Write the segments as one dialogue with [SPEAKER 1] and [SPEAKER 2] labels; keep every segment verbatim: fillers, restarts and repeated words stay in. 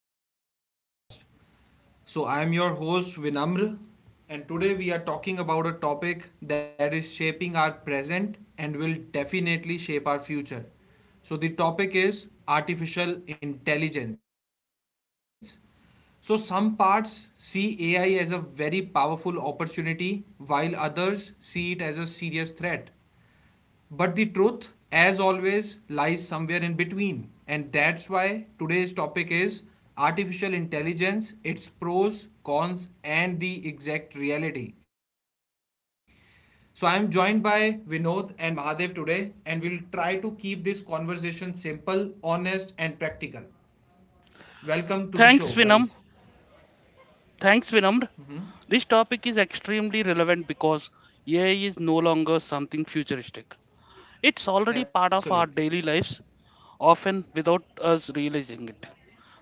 [SPEAKER 1] back to the podcast. So, I am your host Vinamr, and today we are talking about a topic that is shaping our present and will definitely shape our future. So, the topic is artificial intelligence. So, some parts see A I as a very powerful opportunity, while others see it as a serious threat. But the truth, as always, lies somewhere in between. And that's why today's topic is artificial intelligence, its pros, cons, and the exact reality. So I'm joined by Vinod and Mahadev today, and we'll try to keep this conversation simple, honest, and practical. Welcome to the
[SPEAKER 2] Thanks,
[SPEAKER 1] show,
[SPEAKER 2] Vinam.
[SPEAKER 1] guys.
[SPEAKER 2] Thanks, Vinam. This topic is extremely relevant because A I is no longer something futuristic. It's already part of our daily
[SPEAKER 1] Absolutely.
[SPEAKER 2] lives, often without us realizing it.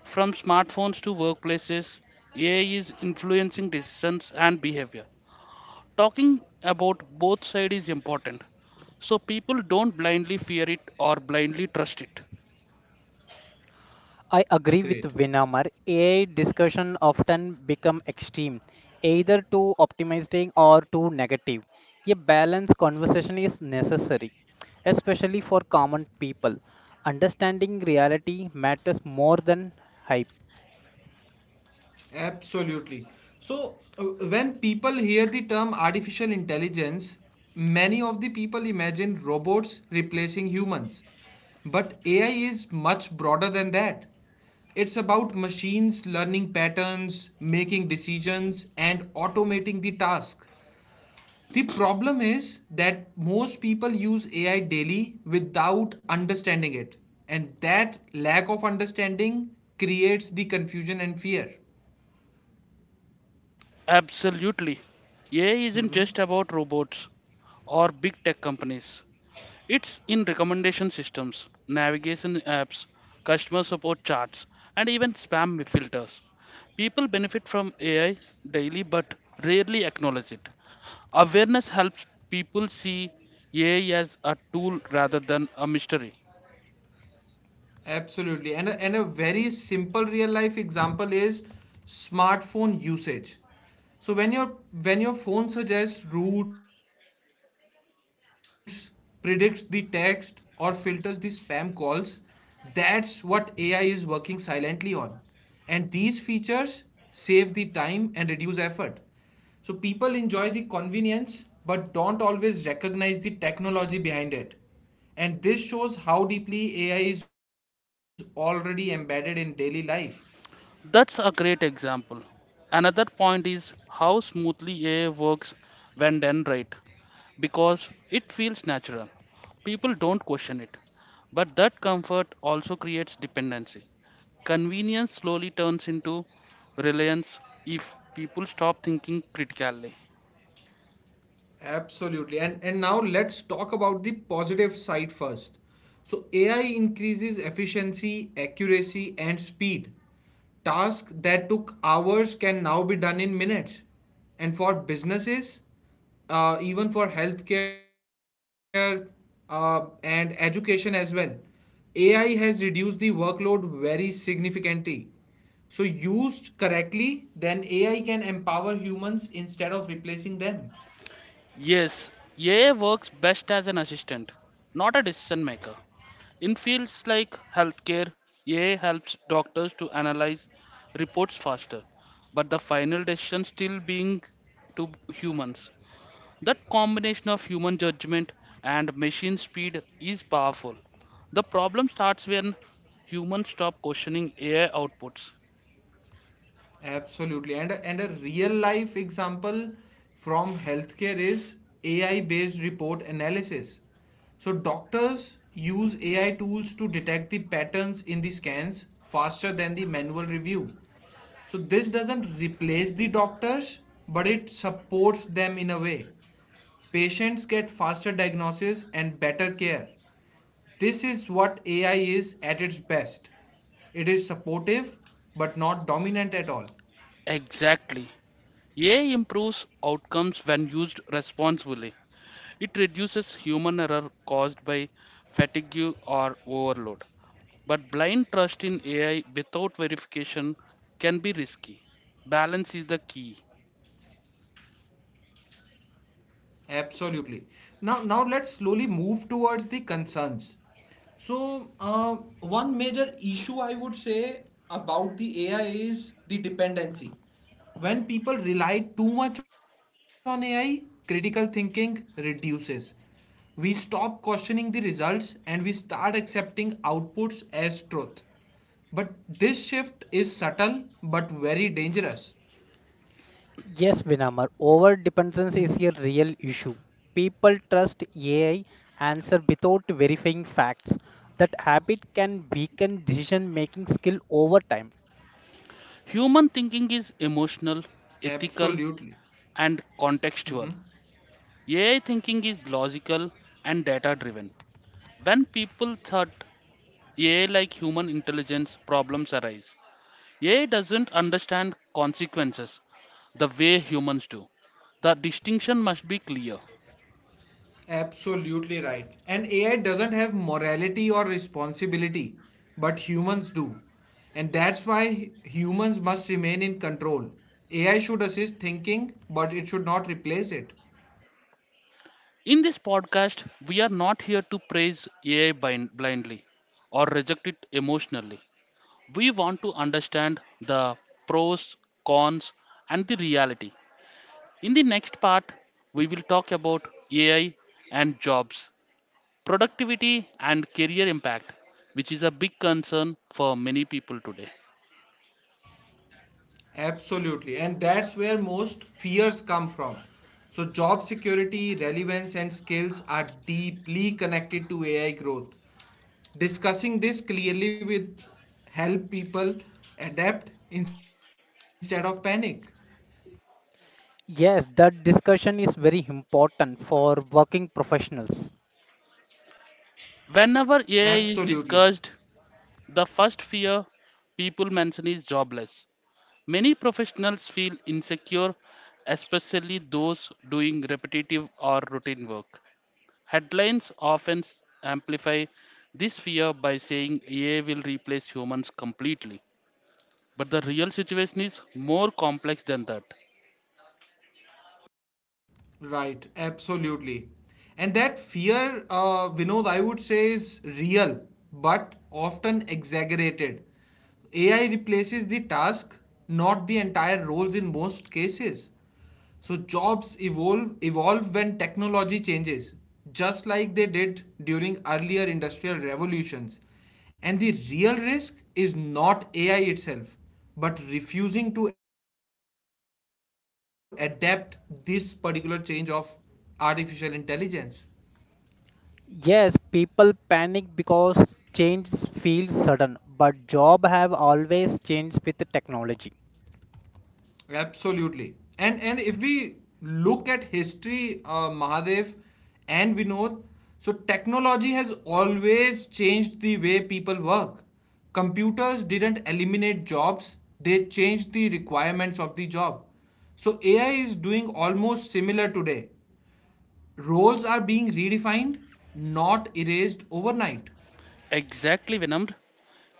[SPEAKER 2] From smartphones to workplaces, A I is influencing decisions and behavior. Talking about both sides is important so people don't blindly fear it or blindly trust it.
[SPEAKER 3] I agree with
[SPEAKER 1] Great.
[SPEAKER 3] Vinamar. A I discussion often become extreme, either too optimistic or too negative. A balanced conversation is necessary, especially for common people. Understanding reality matters more than hype.
[SPEAKER 1] Absolutely. So, uh, when people hear the term artificial intelligence, many of the people imagine robots replacing humans. But A I is much broader than that. It's about machines learning patterns, making decisions, and automating the task. The problem is that most people use A I daily without understanding it. And that lack of understanding creates the confusion and fear.
[SPEAKER 2] Absolutely. A I isn't just about robots or big tech companies. It's in recommendation systems, navigation apps, customer support charts, and even spam filters. People benefit from A I daily but rarely acknowledge it. Awareness helps people see A I as a tool rather than a mystery.
[SPEAKER 1] Absolutely. And a, and a very simple real life example is smartphone usage. So when your when your phone suggests routes, predicts the text or filters the spam calls, that's what A I is working silently on. And these features save the time and reduce effort. So people enjoy the convenience but don't always recognize the technology behind it. And this shows how deeply A I is already embedded in daily life.
[SPEAKER 2] That's a great example. Another point is how smoothly A I works when done right, because it feels natural. People don't question it. But that comfort also creates dependency. Convenience slowly turns into reliance if people stop thinking critically.
[SPEAKER 1] Absolutely. And and now let's talk about the positive side first. So A I increases efficiency, accuracy, and speed. Tasks that took hours can now be done in minutes. And for businesses, uh, even for healthcare uh, and education as well, A I has reduced the workload very significantly. So used correctly, then A I can empower humans instead of replacing them.
[SPEAKER 2] Yes, A I works best as an assistant, not a decision maker. In fields like healthcare, A I helps doctors to analyze reports faster, but the final decision still being to humans. That combination of human judgment and machine speed is powerful. The problem starts when humans stop questioning A I outputs.
[SPEAKER 1] Absolutely. And a, and a real life example from healthcare is A I based report analysis. So doctors use A I tools to detect the patterns in the scans faster than the manual review. So this doesn't replace the doctors, but it supports them in a way. Patients get faster diagnosis and better care. This is what A I is at its best. It is supportive, but not dominant at all.
[SPEAKER 2] Exactly. A I improves outcomes when used responsibly. It reduces human error caused by fatigue or overload. But blind trust in A I without verification can be risky. Balance is the key.
[SPEAKER 1] Absolutely. Now, now let's slowly move towards the concerns. So, uh, one major issue I would say about the A I is the dependency. When people rely too much on A I, critical thinking reduces. We stop questioning the results and we start accepting outputs as truth. But this shift is subtle but very dangerous.
[SPEAKER 3] Yes, Vinamar, over dependence
[SPEAKER 1] Mhm.
[SPEAKER 3] is a real issue. People trust A I answer without verifying facts. That habit can weaken decision making skill over time.
[SPEAKER 2] Human thinking is emotional,
[SPEAKER 1] Absolutely.
[SPEAKER 2] ethical, and
[SPEAKER 1] Mm-hmm.
[SPEAKER 2] contextual. A I thinking is logical and data driven. When people thought A I like human intelligence, problems arise. A I doesn't understand consequences the way humans do. The distinction must be clear.
[SPEAKER 1] Absolutely right. And A I doesn't have morality or responsibility, but humans do. And that's why humans must remain in control. A I should assist thinking, but it should not replace it.
[SPEAKER 2] In this podcast, we are not here to praise A I bin- blindly or reject it emotionally. We want to understand the pros, cons, and the reality. In the next part, we will talk about A I and jobs, productivity, and career impact, which is a big concern for many people today.
[SPEAKER 1] Absolutely. And that's where most fears come from. So, job security, relevance, and skills are deeply connected to A I growth. Discussing this clearly with help people adapt instead of panic.
[SPEAKER 3] Yes, that discussion is very important for working professionals.
[SPEAKER 2] Whenever A I is
[SPEAKER 1] Absolutely.
[SPEAKER 2] discussed, the first fear people mention is jobless. Many professionals feel insecure, especially those doing repetitive or routine work. Headlines often s- amplify this fear by saying A I will replace humans completely. But the real situation is more complex than that.
[SPEAKER 1] Right, absolutely. And that fear, uh, Vinod, I would say is real, but often exaggerated. A I replaces the task, not the entire roles in most cases. So jobs evolve evolve when technology changes, just like they did during earlier industrial revolutions. And the real risk is not A I itself, but refusing to adapt this particular change of artificial intelligence.
[SPEAKER 3] Yes, people panic because changes feel sudden, but job have always changed with the technology.
[SPEAKER 1] Absolutely. And and if we look at history, uh, Mahadev and Vinod, so technology has always changed the way people work. Computers didn't eliminate jobs, they changed the requirements of the job. So AI is doing almost similar today. Roles are being redefined, not erased overnight.
[SPEAKER 2] Exactly, Vinamr.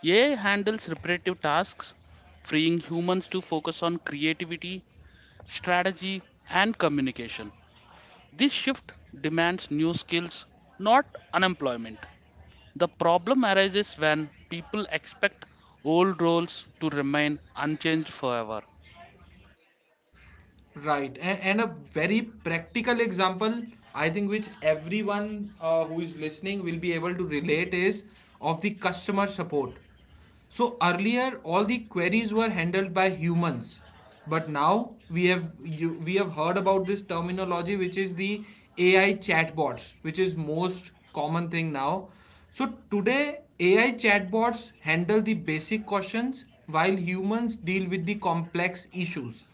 [SPEAKER 2] A I handles repetitive tasks, freeing humans to focus on creativity, strategy, and communication. This shift demands new skills, not unemployment. The problem arises when people expect old roles to remain unchanged forever.
[SPEAKER 1] Right. And, and a very practical example, I think, which everyone uh, who is listening will be able to relate is of the customer support. So earlier, all the queries were handled by humans, but now we have you, we have heard about this terminology, which is the A I chatbots, which is most common thing now. So today, A I chatbots handle the basic questions while humans deal with the complex issues,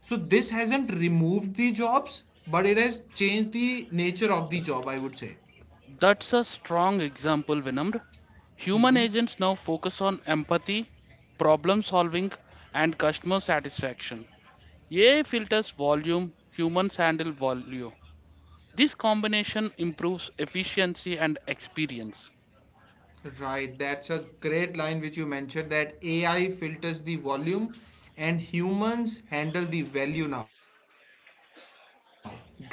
[SPEAKER 1] so this hasn't removed the jobs, but it has changed the nature of the job, I would say.
[SPEAKER 2] That's a strong example, Vinamr. Human
[SPEAKER 1] Hmm.
[SPEAKER 2] agents now focus on empathy, problem solving, and customer satisfaction. A I filters volume, humans handle value. This combination improves efficiency and experience.
[SPEAKER 1] Right, that's a great line which you mentioned that A I filters the volume and humans handle the value now. Great.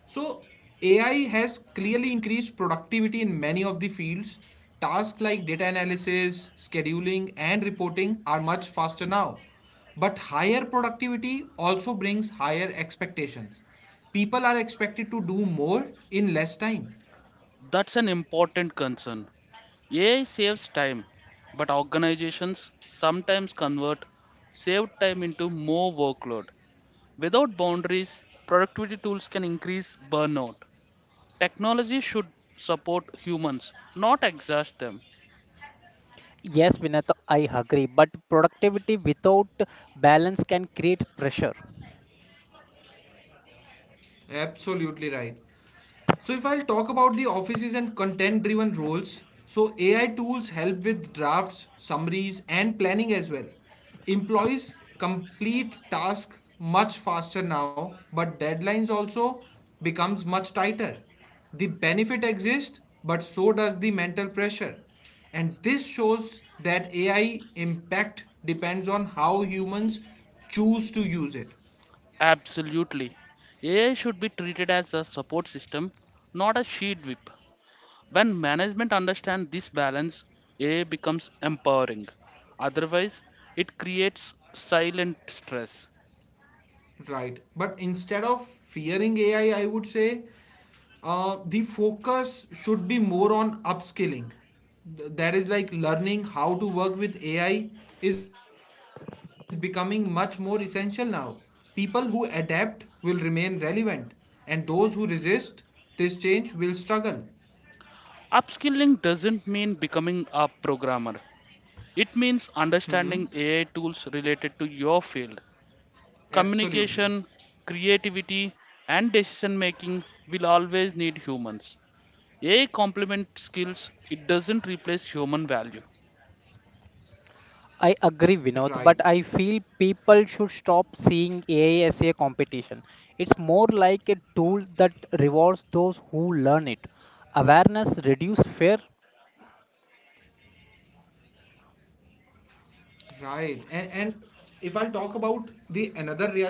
[SPEAKER 1] So, A I has clearly increased productivity in many of the fields. Tasks like data analysis, scheduling, and reporting are much faster now. But higher productivity also brings higher expectations. People are expected to do more in less time.
[SPEAKER 2] That's an important concern. A I saves time, but organizations sometimes convert saved time into more workload. Without boundaries, productivity tools can increase burnout. Technology should support humans, not exhaust them.
[SPEAKER 3] Yes, Vinata, I agree, but productivity without balance can create pressure.
[SPEAKER 1] Absolutely right. So, if I'll talk about the offices and content driven roles, so A I tools help with drafts, summaries, and planning as well. Employees complete tasks much faster now, but deadlines also becomes much tighter. The benefit exists, but so does the mental pressure. And this shows that A I impact depends on how humans choose to use it.
[SPEAKER 2] Absolutely. A I should be treated as a support system, not a sheet whip. When management understands this balance, A I becomes empowering. Otherwise, it creates silent stress.
[SPEAKER 1] Right. But instead of fearing A I, I I would say uh, the focus should be more on upskilling. Th- That is like learning how to work with A I is becoming much more essential now. People who adapt will remain relevant, and those who resist this change will struggle.
[SPEAKER 2] Upskilling doesn't mean becoming a programmer. It means
[SPEAKER 1] Mm-hmm.
[SPEAKER 2] understanding A I tools related to your field. Communication,
[SPEAKER 1] Absolutely.
[SPEAKER 2] creativity, and decision making will always need humans. A I complements skills, it doesn't replace human value.
[SPEAKER 3] I agree,
[SPEAKER 1] Right.
[SPEAKER 3] Vinod, but I feel people should stop seeing A I as a competition. It's more like a tool that rewards those who learn it. Awareness reduces fear.
[SPEAKER 1] Right. And, and if I'll talk about the another reality,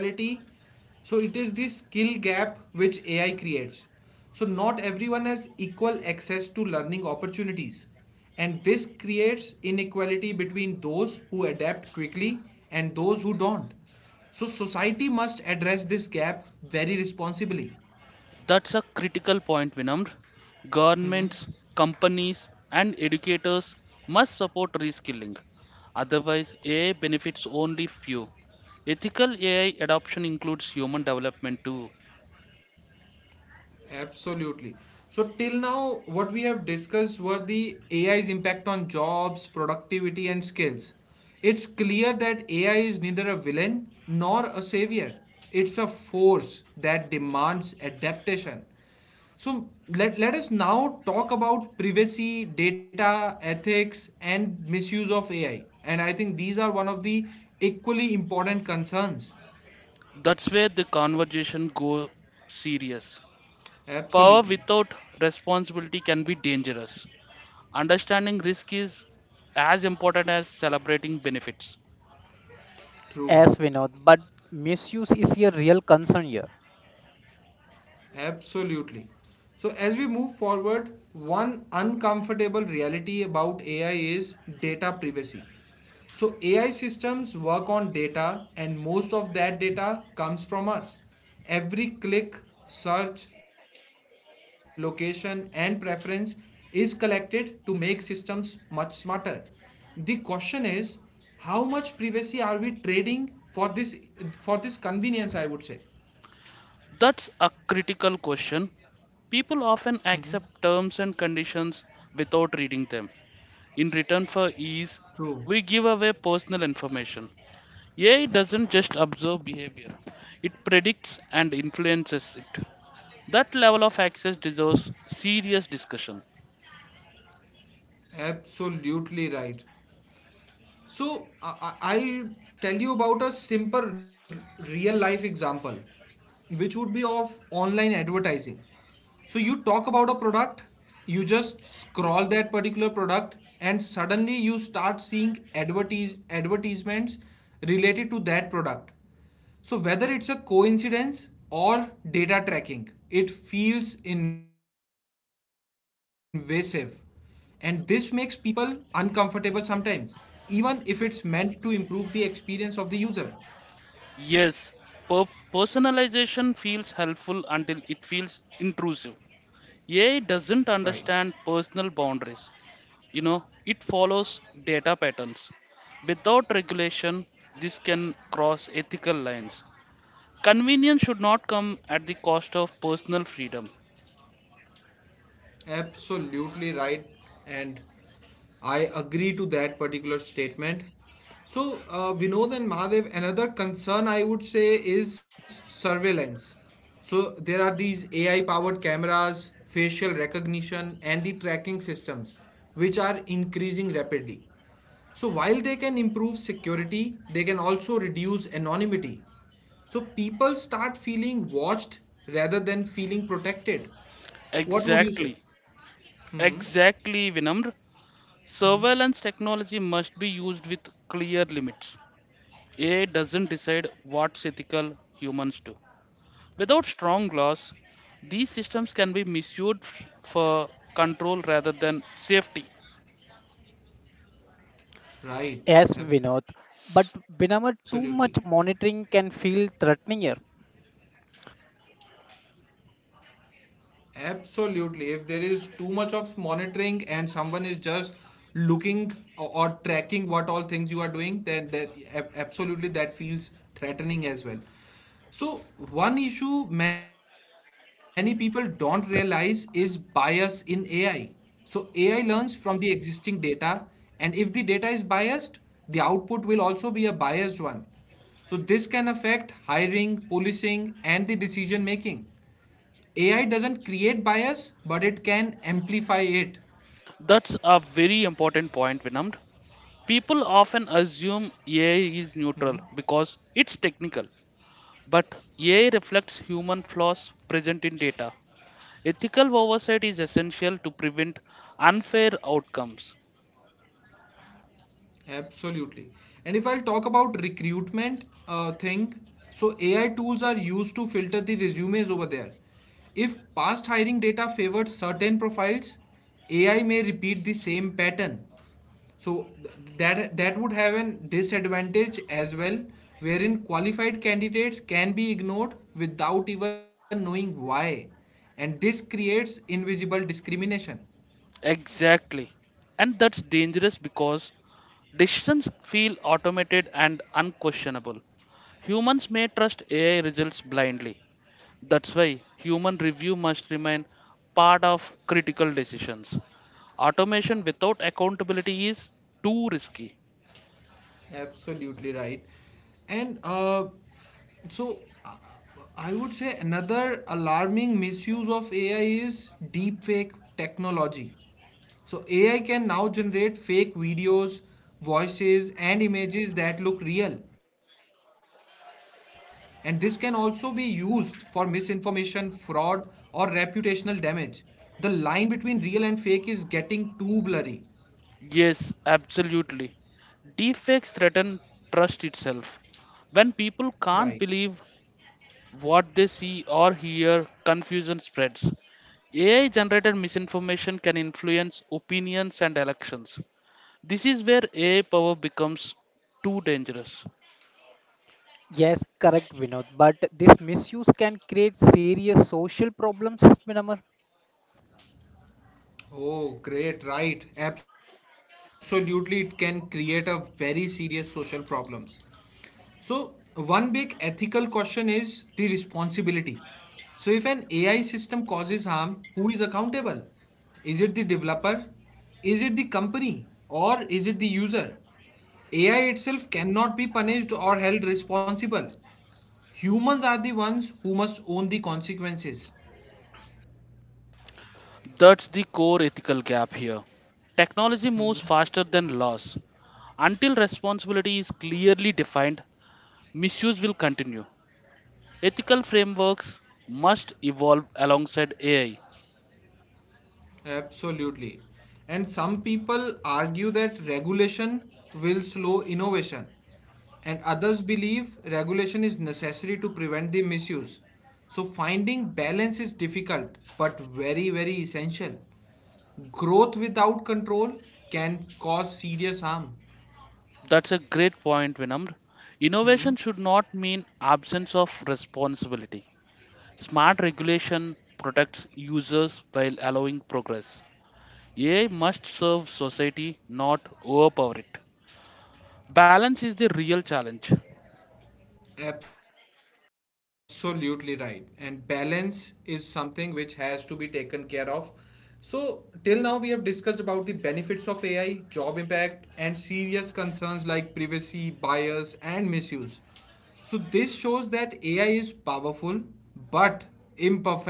[SPEAKER 1] so it is the skill gap which A I creates. So not everyone has equal access to learning opportunities. And this creates inequality between those who adapt quickly and those who don't. So society must address this gap very responsibly.
[SPEAKER 2] That's a critical point, Vinamr.
[SPEAKER 1] Hmm.
[SPEAKER 2] Governments, companies, and educators must support reskilling. Otherwise, A I benefits only few. Ethical A I adoption includes human development too.
[SPEAKER 1] Absolutely. So, till now, what we have discussed were the A I's impact on jobs, productivity, and skills. It's clear that A I is neither a villain nor a savior, it's a force that demands adaptation. So, let, let us now talk about privacy, data, ethics, and misuse of A I. And I think these are one of the equally important concerns.
[SPEAKER 2] That's where the conversation goes serious. Power
[SPEAKER 1] Absolutely.
[SPEAKER 2] without responsibility can be dangerous. Understanding risk is as important as celebrating benefits.
[SPEAKER 1] True.
[SPEAKER 3] As Vinod, but misuse is a real concern here.
[SPEAKER 1] Absolutely. So, as we move forward, one uncomfortable reality about A I is data privacy. So, A I systems work on data, and most of that data comes from us. Every click, search, location, and preference is collected to make systems much smarter. The question is how much privacy are we trading for this for this convenience, I would say.
[SPEAKER 2] That's a critical question. People often
[SPEAKER 1] Hmm.
[SPEAKER 2] accept terms and conditions without reading them. In return for ease,
[SPEAKER 1] True.
[SPEAKER 2] we give away personal information. A I doesn't just observe behavior, it predicts and influences it. That level of access deserves serious discussion.
[SPEAKER 1] Absolutely right. So I, I- I'll tell you about a simple real life example, which would be of online advertising. So you talk about a product, you just scroll that particular product, and suddenly you start seeing advertise advertisements related to that product. So, whether it's a coincidence or data tracking, it feels invasive. And this makes people uncomfortable sometimes, even if it's meant to improve the experience of the user.
[SPEAKER 2] Yes, per- personalization feels helpful until it feels intrusive. A I doesn't
[SPEAKER 1] Right.
[SPEAKER 2] understand personal boundaries. you know it follows data patterns without regulation. This can cross ethical lines. Convenience should not come at the cost of personal freedom.
[SPEAKER 1] Absolutely right, and I agree to that particular statement. So, uh, Vinod and Mahadev, another concern I would say is surveillance. So, there are these A I powered cameras, facial recognition, and the tracking systems, which are increasing rapidly. So, while they can improve security, they can also reduce anonymity. So, people start feeling watched rather than feeling protected. What would you say?
[SPEAKER 2] Exactly.
[SPEAKER 1] Mm-hmm.
[SPEAKER 2] Exactly, Vinamr. Surveillance technology must be used with clear limits. AI doesn't decide what's ethical, humans do. Without strong laws, these systems can be misused f- for control rather than safety.
[SPEAKER 1] Right.
[SPEAKER 3] As Vinod,
[SPEAKER 1] Absolutely.
[SPEAKER 3] but whenever too much monitoring can feel threatening here.
[SPEAKER 1] Absolutely. If there is too much of monitoring and someone is just looking or, or tracking what all things you are doing, then that ab- absolutely that feels threatening as well. So one issue many people don't realize is bias in A I. So A I learns from the existing data, and if the data is biased, the output will also be a biased one. So this can affect hiring, policing, and the decision making. So A I doesn't create bias, but it can amplify it.
[SPEAKER 2] That's a very important point, Vinamr. People often assume A I is neutral because it's technical, but A I reflects human flaws present in data. Ethical oversight is essential to prevent unfair outcomes.
[SPEAKER 1] Absolutely. And if I'll talk about recruitment uh, thing, so A I tools are used to filter the resumes over there. If past hiring data favored certain profiles, A I may repeat the same pattern. So th- that that would have an disadvantage as well, wherein qualified candidates can be ignored without even knowing why, and this creates invisible discrimination.
[SPEAKER 2] Exactly. And that's dangerous because decisions feel automated and unquestionable. Humans may trust A I results blindly. That's why human review must remain part of critical decisions. Automation without accountability is too risky.
[SPEAKER 1] Absolutely right. And uh, so uh, I would say another alarming misuse of A I is deepfake technology. So A I can now generate fake videos, voices, and images that look real. And this can also be used for misinformation, fraud, or reputational damage. The line between real and fake is getting too blurry.
[SPEAKER 2] Yes, absolutely. Deepfakes threaten trust itself. When people
[SPEAKER 1] Right.
[SPEAKER 2] can't believe what they see or hear, confusion spreads. A I generated misinformation can influence opinions and elections. This is where A I power becomes too dangerous.
[SPEAKER 3] Yes, correct, Vinod. But this misuse can create serious social problems, Vinamar.
[SPEAKER 1] Oh, great, right. Absolutely, it can create a very serious social problems. So, one big ethical question is the responsibility. So, if an A I system causes harm, who is accountable? Is it the developer? Is it the company? Or is it the user? A I itself cannot be punished or held responsible. Humans are the ones who must own the consequences.
[SPEAKER 2] That's the core ethical gap here. Technology moves faster than laws. Until responsibility is clearly defined, misuse will continue. Ethical frameworks must evolve alongside A I.
[SPEAKER 1] Absolutely. And some people argue that regulation will slow innovation, and others believe regulation is necessary to prevent the misuse. So, finding balance is difficult but very, very essential. Growth without control can cause serious harm.
[SPEAKER 2] That's a great point, Vinamr. Innovation should not mean absence of responsibility. Smart regulation protects users while allowing progress. A I must serve society, not overpower it. Balance is the real challenge.
[SPEAKER 1] Absolutely right. And balance is something which has to be taken care of. So, till now, we have discussed about the benefits of A I, job impact, and serious concerns like privacy, bias, and misuse. So, this shows that A I is powerful but imperfect.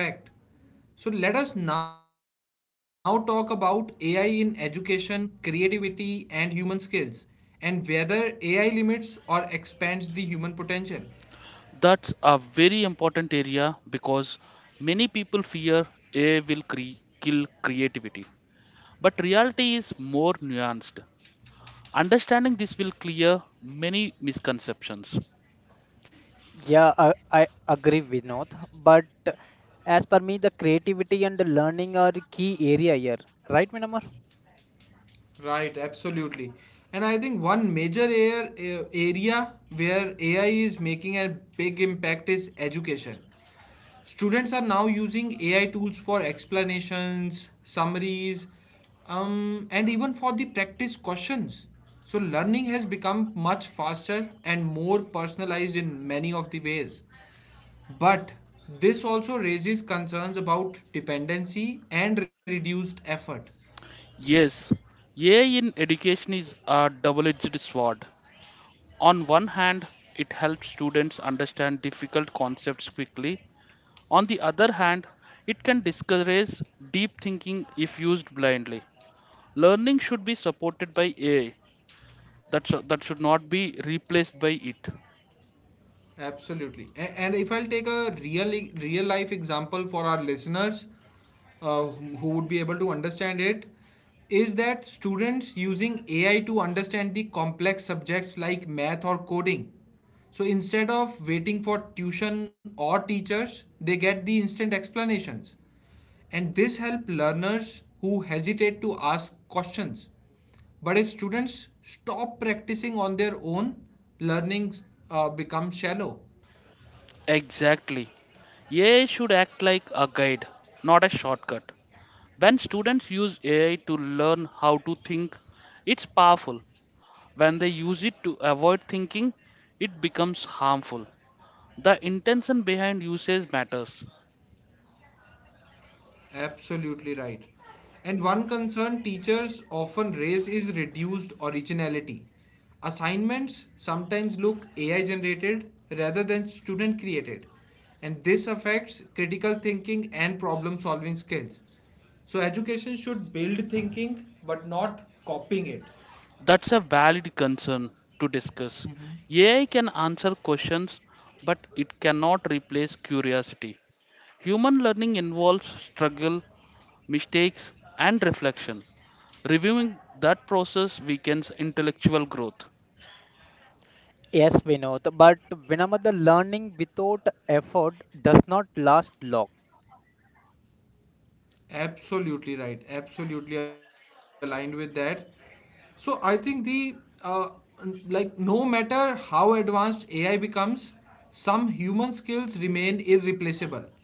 [SPEAKER 1] So, let us now talk about A I in education, creativity, and human skills, and whether A I limits or expands the human potential.
[SPEAKER 2] That's a very important area because many people fear A I will cre- kill creativity. But reality is more nuanced. Understanding this will clear many misconceptions.
[SPEAKER 3] Yeah, I, I agree, Vinod. But as per me, the creativity and the learning are key area here, right, Vinamar?
[SPEAKER 1] Right, absolutely. And I think one major air, a- area where A I is making a big impact is education. Students are now using A I tools for explanations, summaries, um, and even for the practice questions. So learning has become much faster and more personalized in many of the ways. But this also raises concerns about dependency and reduced effort.
[SPEAKER 2] Yes, A I in education is a double edged sword. On one hand, it helps students understand difficult concepts quickly. On the other hand, it can discourage deep thinking if used blindly. Learning should be supported by A I, that sh- that should not be replaced by it.
[SPEAKER 1] Absolutely. A- And if I'll take a real real life example for our listeners, uh, who who would be able to understand it, is that students using A I to understand the complex subjects like math or coding. So instead of waiting for tuition or teachers, they get the instant explanations. And this help learners who hesitate to ask questions. But if students stop practicing on their own, learning uh, becomes shallow.
[SPEAKER 2] Exactly. AI should act like a guide, not a shortcut. When students use AI to learn how to think, it's powerful. When they use it to avoid thinking, it becomes harmful. The intention behind usage matters.
[SPEAKER 1] Absolutely right. And one concern teachers often raise is reduced originality. Assignments sometimes look A I generated rather than student created, and this affects critical thinking and problem solving skills. So, education should build thinking but not copying it.
[SPEAKER 2] That's a valid concern to discuss. A I can answer questions, but it cannot replace curiosity. Human learning involves struggle, mistakes, and reflection. Reviewing that process weakens intellectual growth.
[SPEAKER 3] Yes, Vinod. But Vinamar, the learning without effort does not last long.
[SPEAKER 1] Absolutely right. Absolutely aligned with that. So I think the uh, n- like no matter how advanced A I becomes, some human skills remain irreplaceable.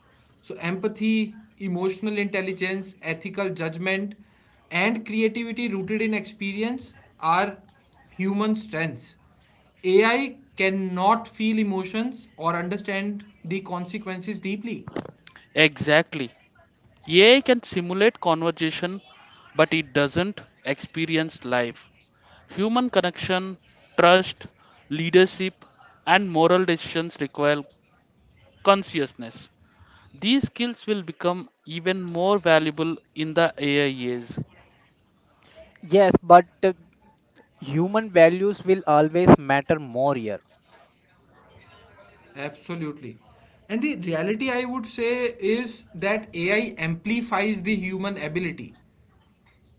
[SPEAKER 1] So empathy, emotional intelligence, ethical judgment, and creativity rooted in experience are human strengths. A I cannot feel emotions or understand the consequences deeply.
[SPEAKER 2] Exactly. A I can simulate conversation, but it doesn't experience life. Human connection, trust, leadership, and moral decisions require consciousness. These skills will become even more valuable in the A I age.
[SPEAKER 3] Yes, but human values will always matter more here.
[SPEAKER 1] Absolutely. And the reality I would say is that A I amplifies the human ability.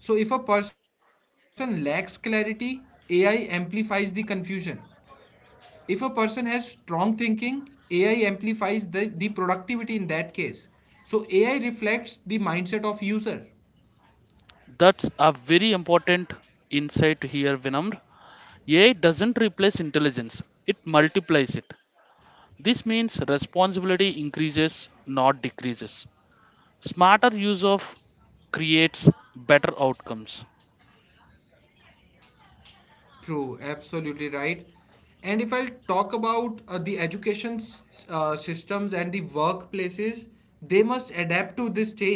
[SPEAKER 1] So if a person lacks clarity, A I amplifies the confusion. If a person has strong thinking, A I amplifies the, the productivity in that case. So A I reflects the mindset of user.
[SPEAKER 2] That's a very important insight here, Vinamr. A I doesn't replace intelligence, it multiplies it. This means responsibility increases, not decreases. Smarter use of creates better outcomes.
[SPEAKER 1] True, absolutely right. And if I'll talk about uh, the education s- uh, systems and the workplaces, they must adapt to this change.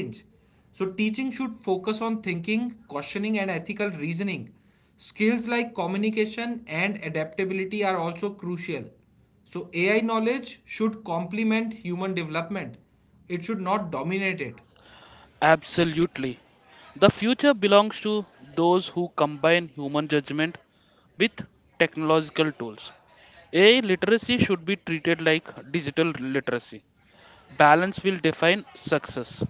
[SPEAKER 1] So, teaching should focus on thinking, questioning, and ethical reasoning. Skills like communication and adaptability are also crucial. So, A I knowledge should complement human development, it should not dominate it.
[SPEAKER 2] Absolutely. The future belongs to those who combine human judgment with technological tools. A I literacy should be treated like digital literacy. Balance will define success.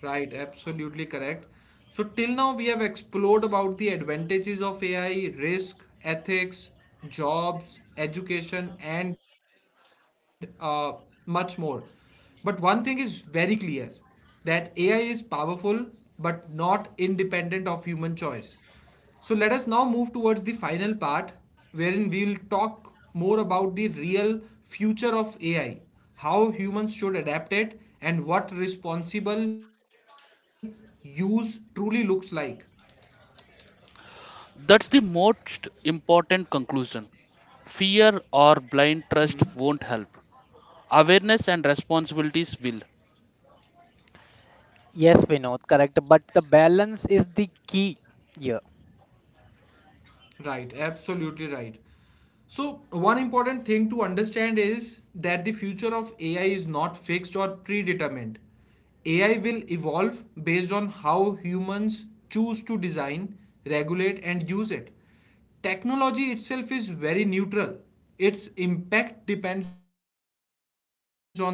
[SPEAKER 1] Right, absolutely correct. So, till now, we have explored about the advantages of A I, risk, ethics, jobs, education, and uh, much more. But one thing is very clear that A I is powerful but not independent of human choice. So let us now move towards the final part wherein we will talk more about the real future of A I, how humans should adapt it, and what responsible use truly looks like.
[SPEAKER 2] That's the most important conclusion. Fear or
[SPEAKER 1] Hmm.
[SPEAKER 2] blind trust won't help. Awareness and responsibilities will.
[SPEAKER 3] Yes, Vinod, correct. But the balance is the key here.
[SPEAKER 1] Right, absolutely right. So, one important thing to understand is that the future of A I is not fixed or predetermined. A I will evolve based on how humans choose to design, regulate, and use it. Technology itself is very neutral, its impact depends on the intention of the individual.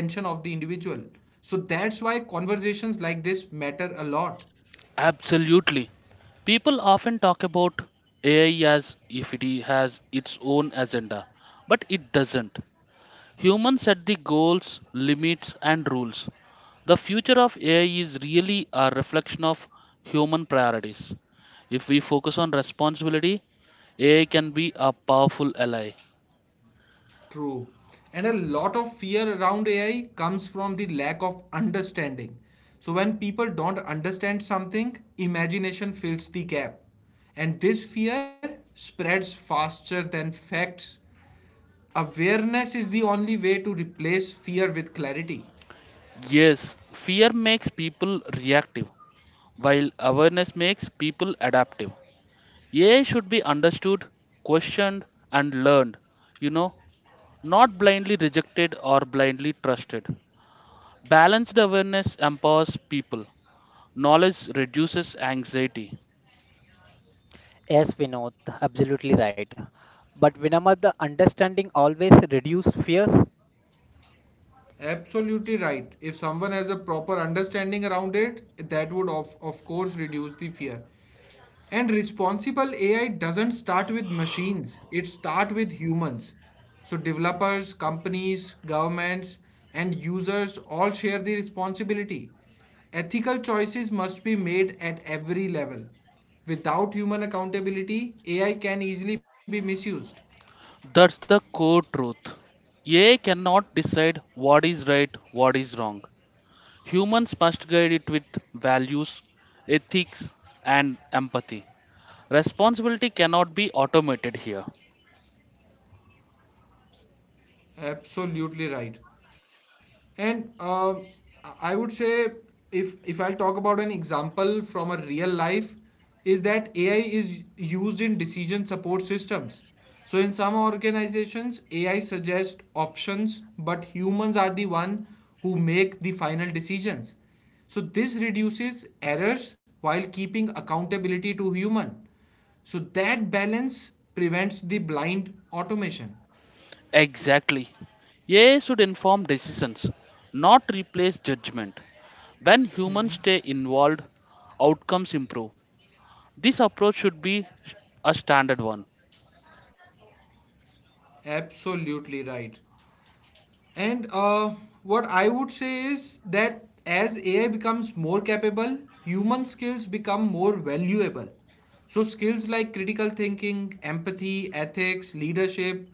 [SPEAKER 1] So, that's why conversations like this matter a lot.
[SPEAKER 2] Absolutely. People often talk about A I as if it has its own agenda, but it doesn't. Humans set the goals, limits, and rules. The future of A I is really a reflection of human priorities. If we focus on responsibility, A I can be a powerful ally.
[SPEAKER 1] True. And a lot of fear around A I comes from the lack of understanding. So when people don't understand something, imagination fills the gap. And this fear spreads faster than facts. Awareness is the only way to replace fear with clarity.
[SPEAKER 2] Yes, fear makes people reactive, while awareness makes people adaptive. A I should be understood, questioned, and learned, you know, not blindly rejected or blindly trusted. Balanced awareness empowers people, knowledge reduces anxiety.
[SPEAKER 3] Yes, Vinod, absolutely right. But Vinamad, the understanding always reduce fears.
[SPEAKER 1] Absolutely right. If someone has a proper understanding around it, that would of, of course reduce the fear. And responsible A I doesn't start with machines, it starts with humans. So developers, companies, governments, and users all share the responsibility. Ethical choices must be made at every level. Without human accountability, A I can easily be misused.
[SPEAKER 2] That's the core truth. A I cannot decide what is right, what is wrong. Humans must guide it with values, ethics, and empathy. Responsibility cannot be automated here.
[SPEAKER 1] Absolutely right. And um, I I would say if if I'll talk about an example from a real life is that A I is used in decision support systems. So in some organizations A I suggests options but humans are the one who make the final decisions. So this reduces errors while keeping accountability to human. So that balance prevents the blind automation.
[SPEAKER 2] Exactly. A I should inform decisions, not replace judgment. When humans stay involved, outcomes improve. This approach should be a standard one.
[SPEAKER 1] Absolutely right. And uh, what I would say is that as A I becomes more capable, human skills become more valuable. So, skills like critical thinking, empathy, ethics, leadership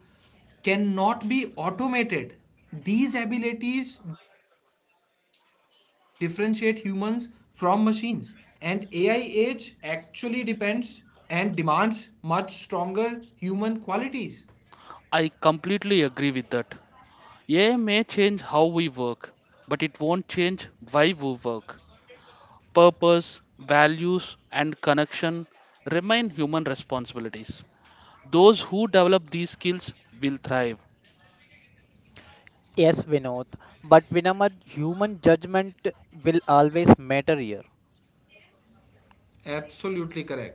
[SPEAKER 1] cannot be automated. These abilities differentiate humans from machines. And A I age actually depends and demands much stronger human qualities.
[SPEAKER 2] I completely agree with that. A I may change how we work, but it won't change why we work. Purpose, values, and connection remain human responsibilities. Those who develop these skills will thrive.
[SPEAKER 3] Yes, Vinod. But Vinamad, human judgment will always matter here.
[SPEAKER 1] Absolutely correct.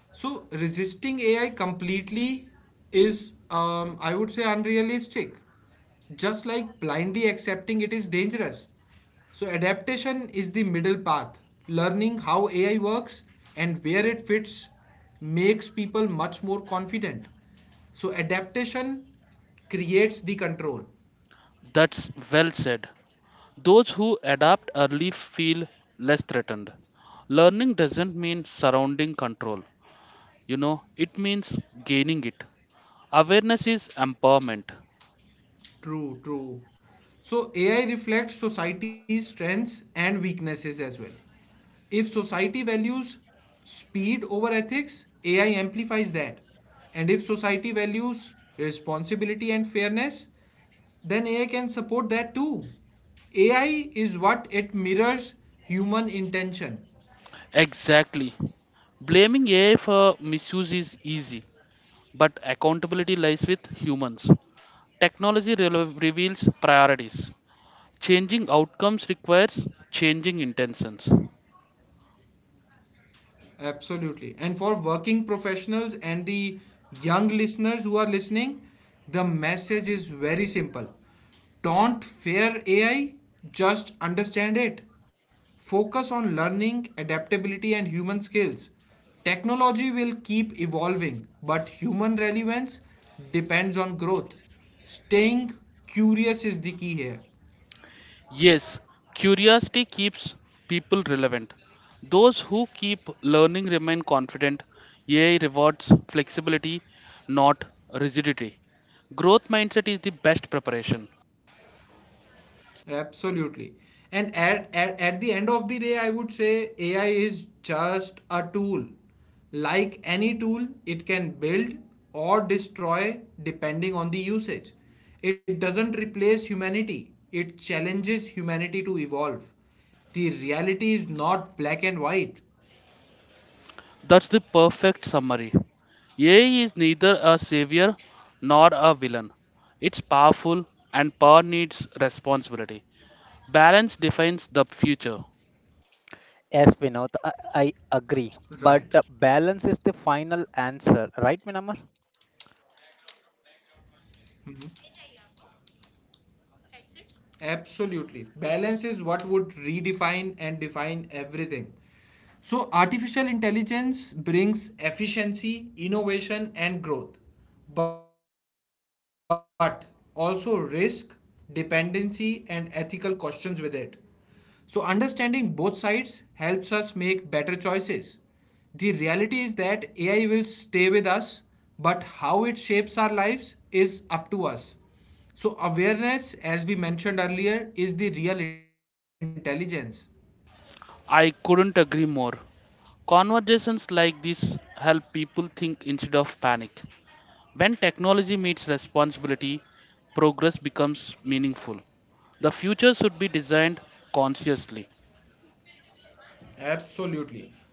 [SPEAKER 1] So resisting A I completely is, um, I would say, unrealistic. Just like blindly accepting it is dangerous. So adaptation is the middle path. Learning how A I works and where it fits makes people much more confident. So adaptation creates the control.
[SPEAKER 2] That's well said. Those who adapt early feel less threatened. Learning doesn't mean surrounding control, you know, it means gaining it. Awareness is empowerment.
[SPEAKER 1] True, true. So A I reflects society's strengths and weaknesses as well. If society values speed over ethics, A I amplifies that. And if society values responsibility and fairness, then A I can support that too. A I is what it mirrors human intention.
[SPEAKER 2] Exactly. Blaming A I for misuse is easy, but accountability lies with humans. Technology relo- reveals priorities. Changing outcomes requires changing intentions.
[SPEAKER 1] Absolutely. And for working professionals and the young listeners who are listening, the message is very simple. Don't fear A I, just understand it. Focus on learning, adaptability, and human skills. Technology will keep evolving, but human relevance depends on growth. Staying curious is the key here.
[SPEAKER 2] Yes, curiosity keeps people relevant. Those who keep learning remain confident. A I rewards flexibility, not rigidity. Growth mindset is the best preparation.
[SPEAKER 1] Absolutely. And at, at, at the end of the day, I would say A I is just a tool. Like any tool, it can build or destroy depending on the usage. It doesn't replace humanity, it challenges humanity to evolve. The reality is not black and white.
[SPEAKER 2] That's the perfect summary. A I is neither a savior nor a villain. It's powerful and power needs responsibility. Balance defines the future.
[SPEAKER 3] Yes, Vinod, I,
[SPEAKER 1] Right.
[SPEAKER 3] I agree. But uh, balance is the final answer, right, Vinamad?
[SPEAKER 1] Absolutely. Balance is what would redefine and define everything. So, artificial intelligence brings efficiency, innovation, and growth, but also risk, dependency, and ethical questions with it. So, understanding both sides helps us make better choices. The reality is that A I will stay with us, but how it shapes our lives is up to us. So, awareness, as we mentioned earlier, is the real intelligence.
[SPEAKER 2] I couldn't agree more. Conversations like this help people think instead of panic. When technology meets responsibility, progress becomes meaningful. The future should be designed consciously.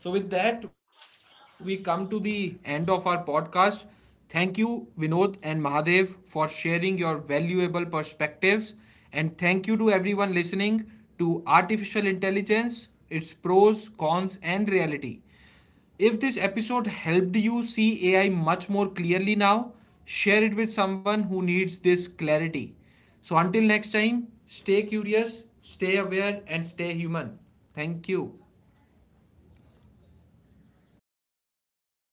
[SPEAKER 1] Absolutely. So, with that, we come to the end of our podcast. Thank you, Vinod and Mahadev, for sharing your valuable perspectives. And thank you to everyone listening to Artificial Intelligence, its pros, cons, and reality. If this episode helped you see A I much more clearly now, share it with someone who needs this clarity. So, until next time, stay curious, stay aware, and stay human. Thank you.